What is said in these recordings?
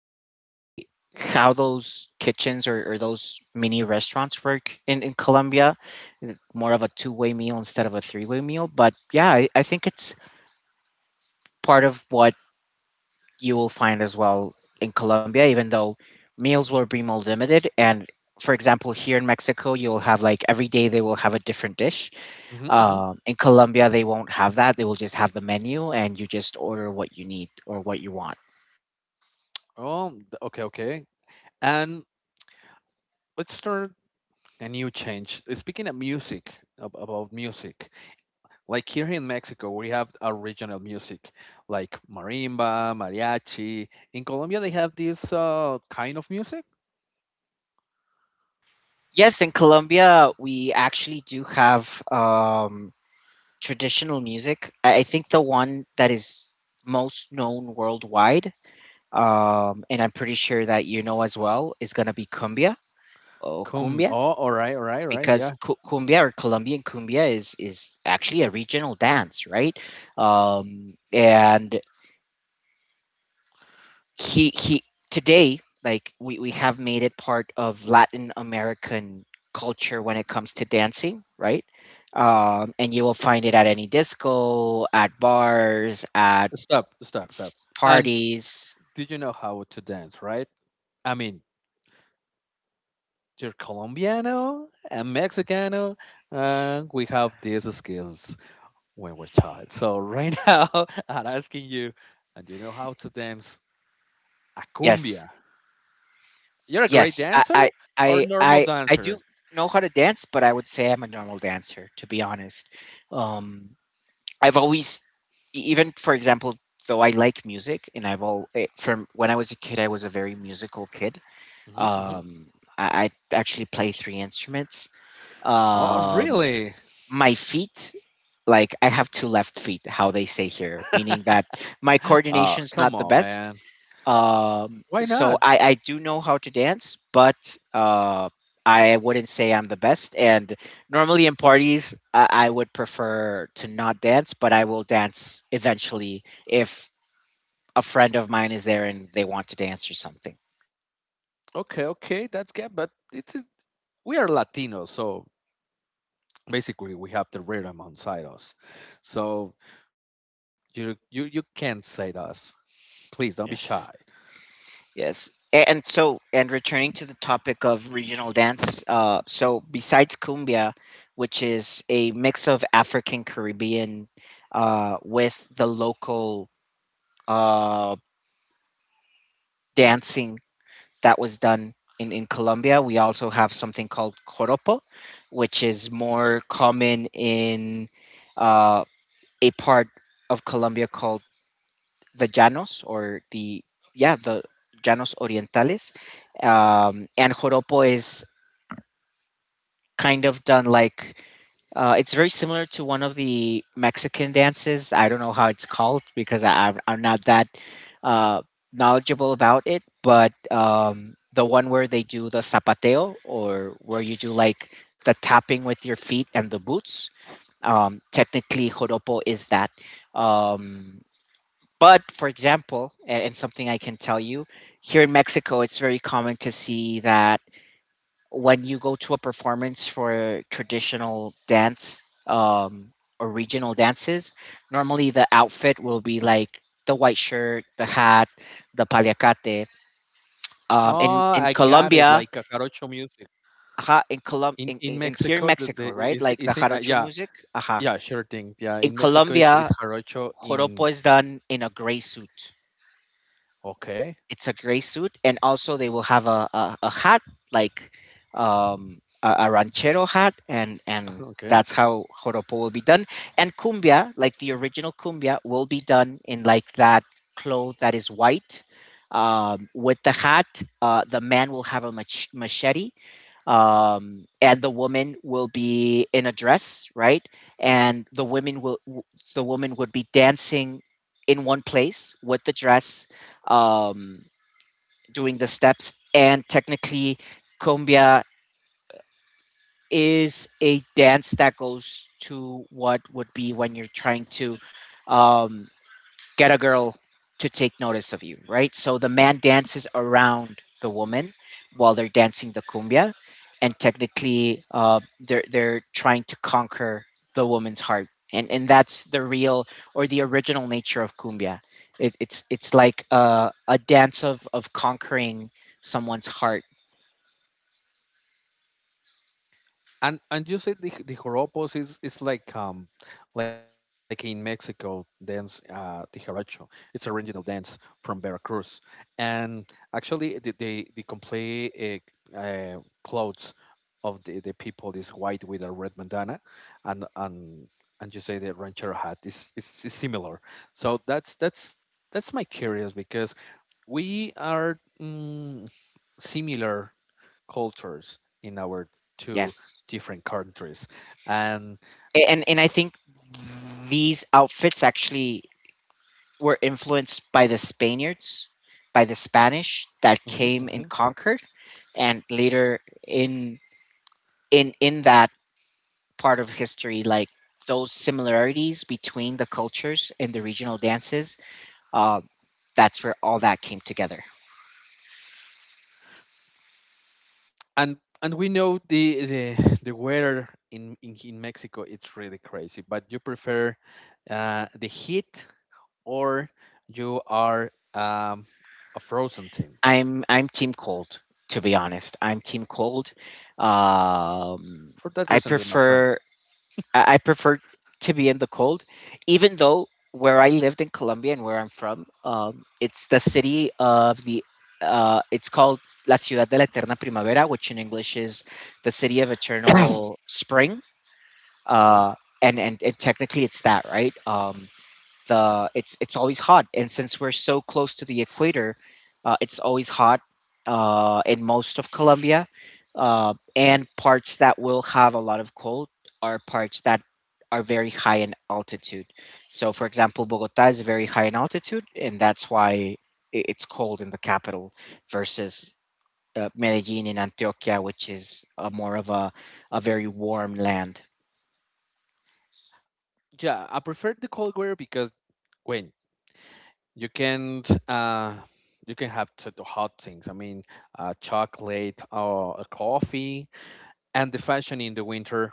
technically how those kitchens or those mini restaurants work in Colombia. More of a two-way meal instead of a three-way meal. But yeah, I think it's part of what you will find as well in Colombia, even though meals will be more limited. And for example, here in Mexico, you'll have like every day they will have a different dish. hmm hmm In Colombia, they won't have that. They will just have the menu and you just order what you need or what you want. Oh, okay, okay. And let's start a new change. Speaking of music, about music, like here in Mexico, we have our regional music, like marimba, mariachi. In Colombia, they have this kind of music. Yes, in Colombia, we actually do have traditional music. I think the one that is most known worldwide, and I'm pretty sure that you know as well, is going to be cumbia or Come, cumbia, oh, all right, all right, all right, because yeah. cumbia or Colombian cumbia is actually a regional dance, right? And he today like we have made it part of Latin American culture when it comes to dancing, right? And you will find it at any disco, at bars, at Stop, stop, f- stop. And parties. did you know how to dance, right? I mean, you're Colombiano and Mexicano, and we have these skills when we're child. So right now, I'm asking you, and you know how to dance a cumbia. Yes. You're a great Yes, I, I dancer or i normal i i do dancer? know how to dance, but I would say I'm a normal dancer, to be honest. um, I've always, even for example, though I like music and I've all it, from when I was a kid I was a very musical kid. hmm hmm I actually play three instruments. Oh, Um, really? my feet, like I have two left feet, how they say here, meaning that my coordination's Come not the on, best. man. Um, Why so not? I, I do know how to dance, but I wouldn't say I'm the best. And normally in parties, I would prefer to not dance, but I will dance eventually if a friend of mine is there and they want to dance or something. Okay, okay, that's good. We are Latinos, so basically we have the rhythm inside us. So you can't say to us. Please don't be shy. Yes. Yes. And so, and returning to the topic of regional dance, so besides cumbia, which is a mix of African Caribbean with the local uh, dancing that was done in Colombia, we also have something called joropo, which is more common in uh, a part of Colombia called the llanos, or the, yeah, the llanos orientales. And joropo is kind of done like, it's very similar to one of the Mexican dances. I don't know how it's called because I'm not that uh, knowledgeable about it, but the one where they do the zapateo, or where you do like the tapping with your feet and the boots. Technically, joropo is that. Um, but for example, and something I can tell you, here in Mexico, it's very common to see that when you go to a performance for traditional dance, um, or regional dances, normally the outfit will be like the white shirt, the hat, the paliacate. Oh, I Um, in got it. in Like a Colombia, jarocho music aha, in in Colom, in, in in, in Mexico. here in The Mexico, right? Like is the it, jarocho yeah music, aha. Yeah, sure thing. Yeah, In in Mexico is Colombia, jarocho joropo in is done in a gray suit. okay, It's a gray suit, and also they will have a hat like, a ranchero hat, and okay. that's how joropo will be done. And cumbia, like the original cumbia, will be done in like that cloth that is white, with the hat. The man will have a machete, and the woman will be in a dress, right? And the the woman would be dancing in one place with the dress, um, doing the steps. And technically, cumbia is a dance that goes to what would be when you're trying to, um, get a girl to take notice of you, right? So the man dances around the woman while they're dancing the cumbia, and technically, they're trying to conquer the woman's heart, and that's the real or the original nature of cumbia. It's like a dance of conquering someone's heart. And you said the joropos is like in Mexico dance the jarocho. It's a regional dance from Veracruz. And actually the complete clothes of the people is white with a red bandana and and and you say the ranchero hat is similar. So that's my curious because we are similar cultures in our two Yes. different countries and And I think these outfits actually were influenced by the Spaniards, by the Spanish that Mhm, came and mhm. conquered, and later in that part of history, like those similarities between the cultures and the regional dances, uh, that's where all that came together. And we know the weather in, in Mexico, it's really crazy. But you prefer the heat, or you are a frozen team? I'm team cold, to be honest, I'm team cold. um, For that i reason you're my friend. prefer I, I prefer to be in the cold, even though where I lived in Colombia and where I'm from, it's the city of the. It's called La Ciudad de la Eterna Primavera, which in English is the city of eternal spring. Okay, Uh, and technically it's that, right. The it's always hot, and since we're so close to the equator, it's always hot in most of Colombia. And parts that will have a lot of cold are parts that are very high in altitude. So, for example, Bogota is very high in altitude, and that's why it's cold in the capital versus, Medellin in Antioquia, which is more of a very warm land. yeah, I prefer the cold weather because when you can uh, you can have to do hot things. I mean, chocolate or a coffee, and the fashion in the winter,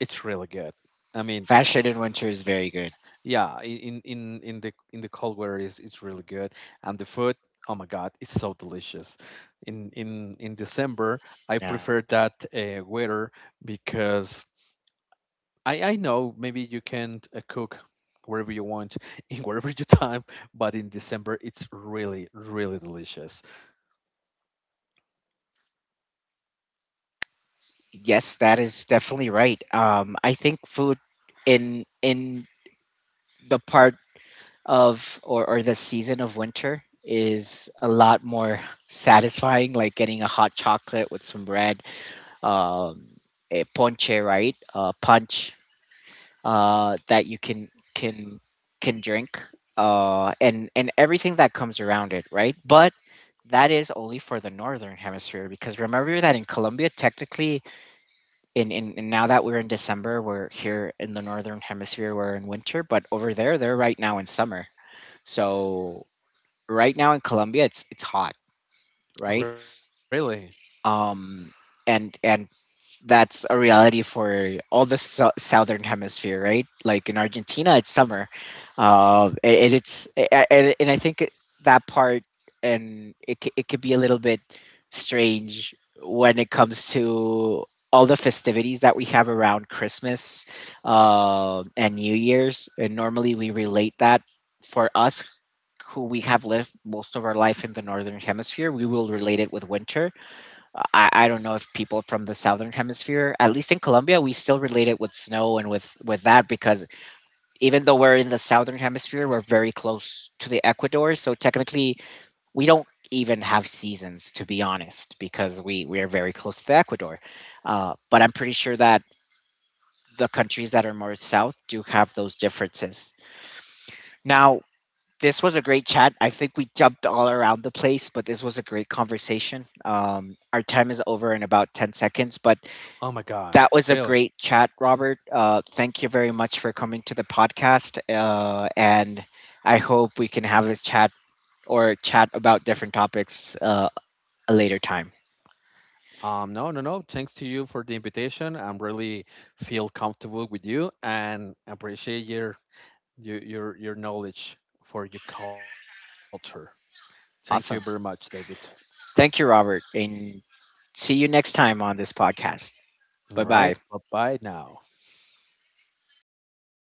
it's really good. I mean, Fashion in winter is very good. yeah, in the cold weather is it's really good, and the food. Oh my God, it's so delicious. In December, I Yeah. prefer that weather because I know maybe you can cook wherever you want in whatever your time, but in December it's really really delicious. Yes, that is definitely right. I think food in the part of, or the season of winter is a lot more satisfying, like getting a hot chocolate with some bread, um, a ponche, right? Punch that you can can drink, and everything that comes around it, right? But that is only for the northern hemisphere, because remember that in Colombia, technically, and now that we're in December, we're here in the northern hemisphere, we're in winter, but over there they're right now in summer. So right now in Colombia it's hot, right? Really? Um and that's a reality for all the southern hemisphere, right? Like in Argentina, it's summer. And I think that part, and it it could be a little bit strange when it comes to all the festivities that we have around Christmas and New Year's, and normally we relate that, for us who we have lived most of our life in the northern hemisphere, we will relate it with winter. I don't know if people from the southern hemisphere, at least in Colombia, we still relate it with snow and with that, because even though we're in the southern hemisphere, we're very close to the equator. So technically, we don't even have seasons, to be honest, because we are very close to the equator. But I'm pretty sure that the countries that are more south do have those differences. Now, this was a great chat. I think we jumped all around the place, but this was a great conversation. Our time is over in about 10 seconds, but Oh my God. that was a Really? great chat, Robert. Thank you very much for coming to the podcast. And I hope we can have this chat, or chat about different topics, a later time. No, no, no. Thanks to you for the invitation. I'm really feel comfortable with you and appreciate your your knowledge for your culture. Thank you very much, David. Awesome. Thank you, Robert. And see you next time on this podcast. All Bye right. bye. Bye bye now.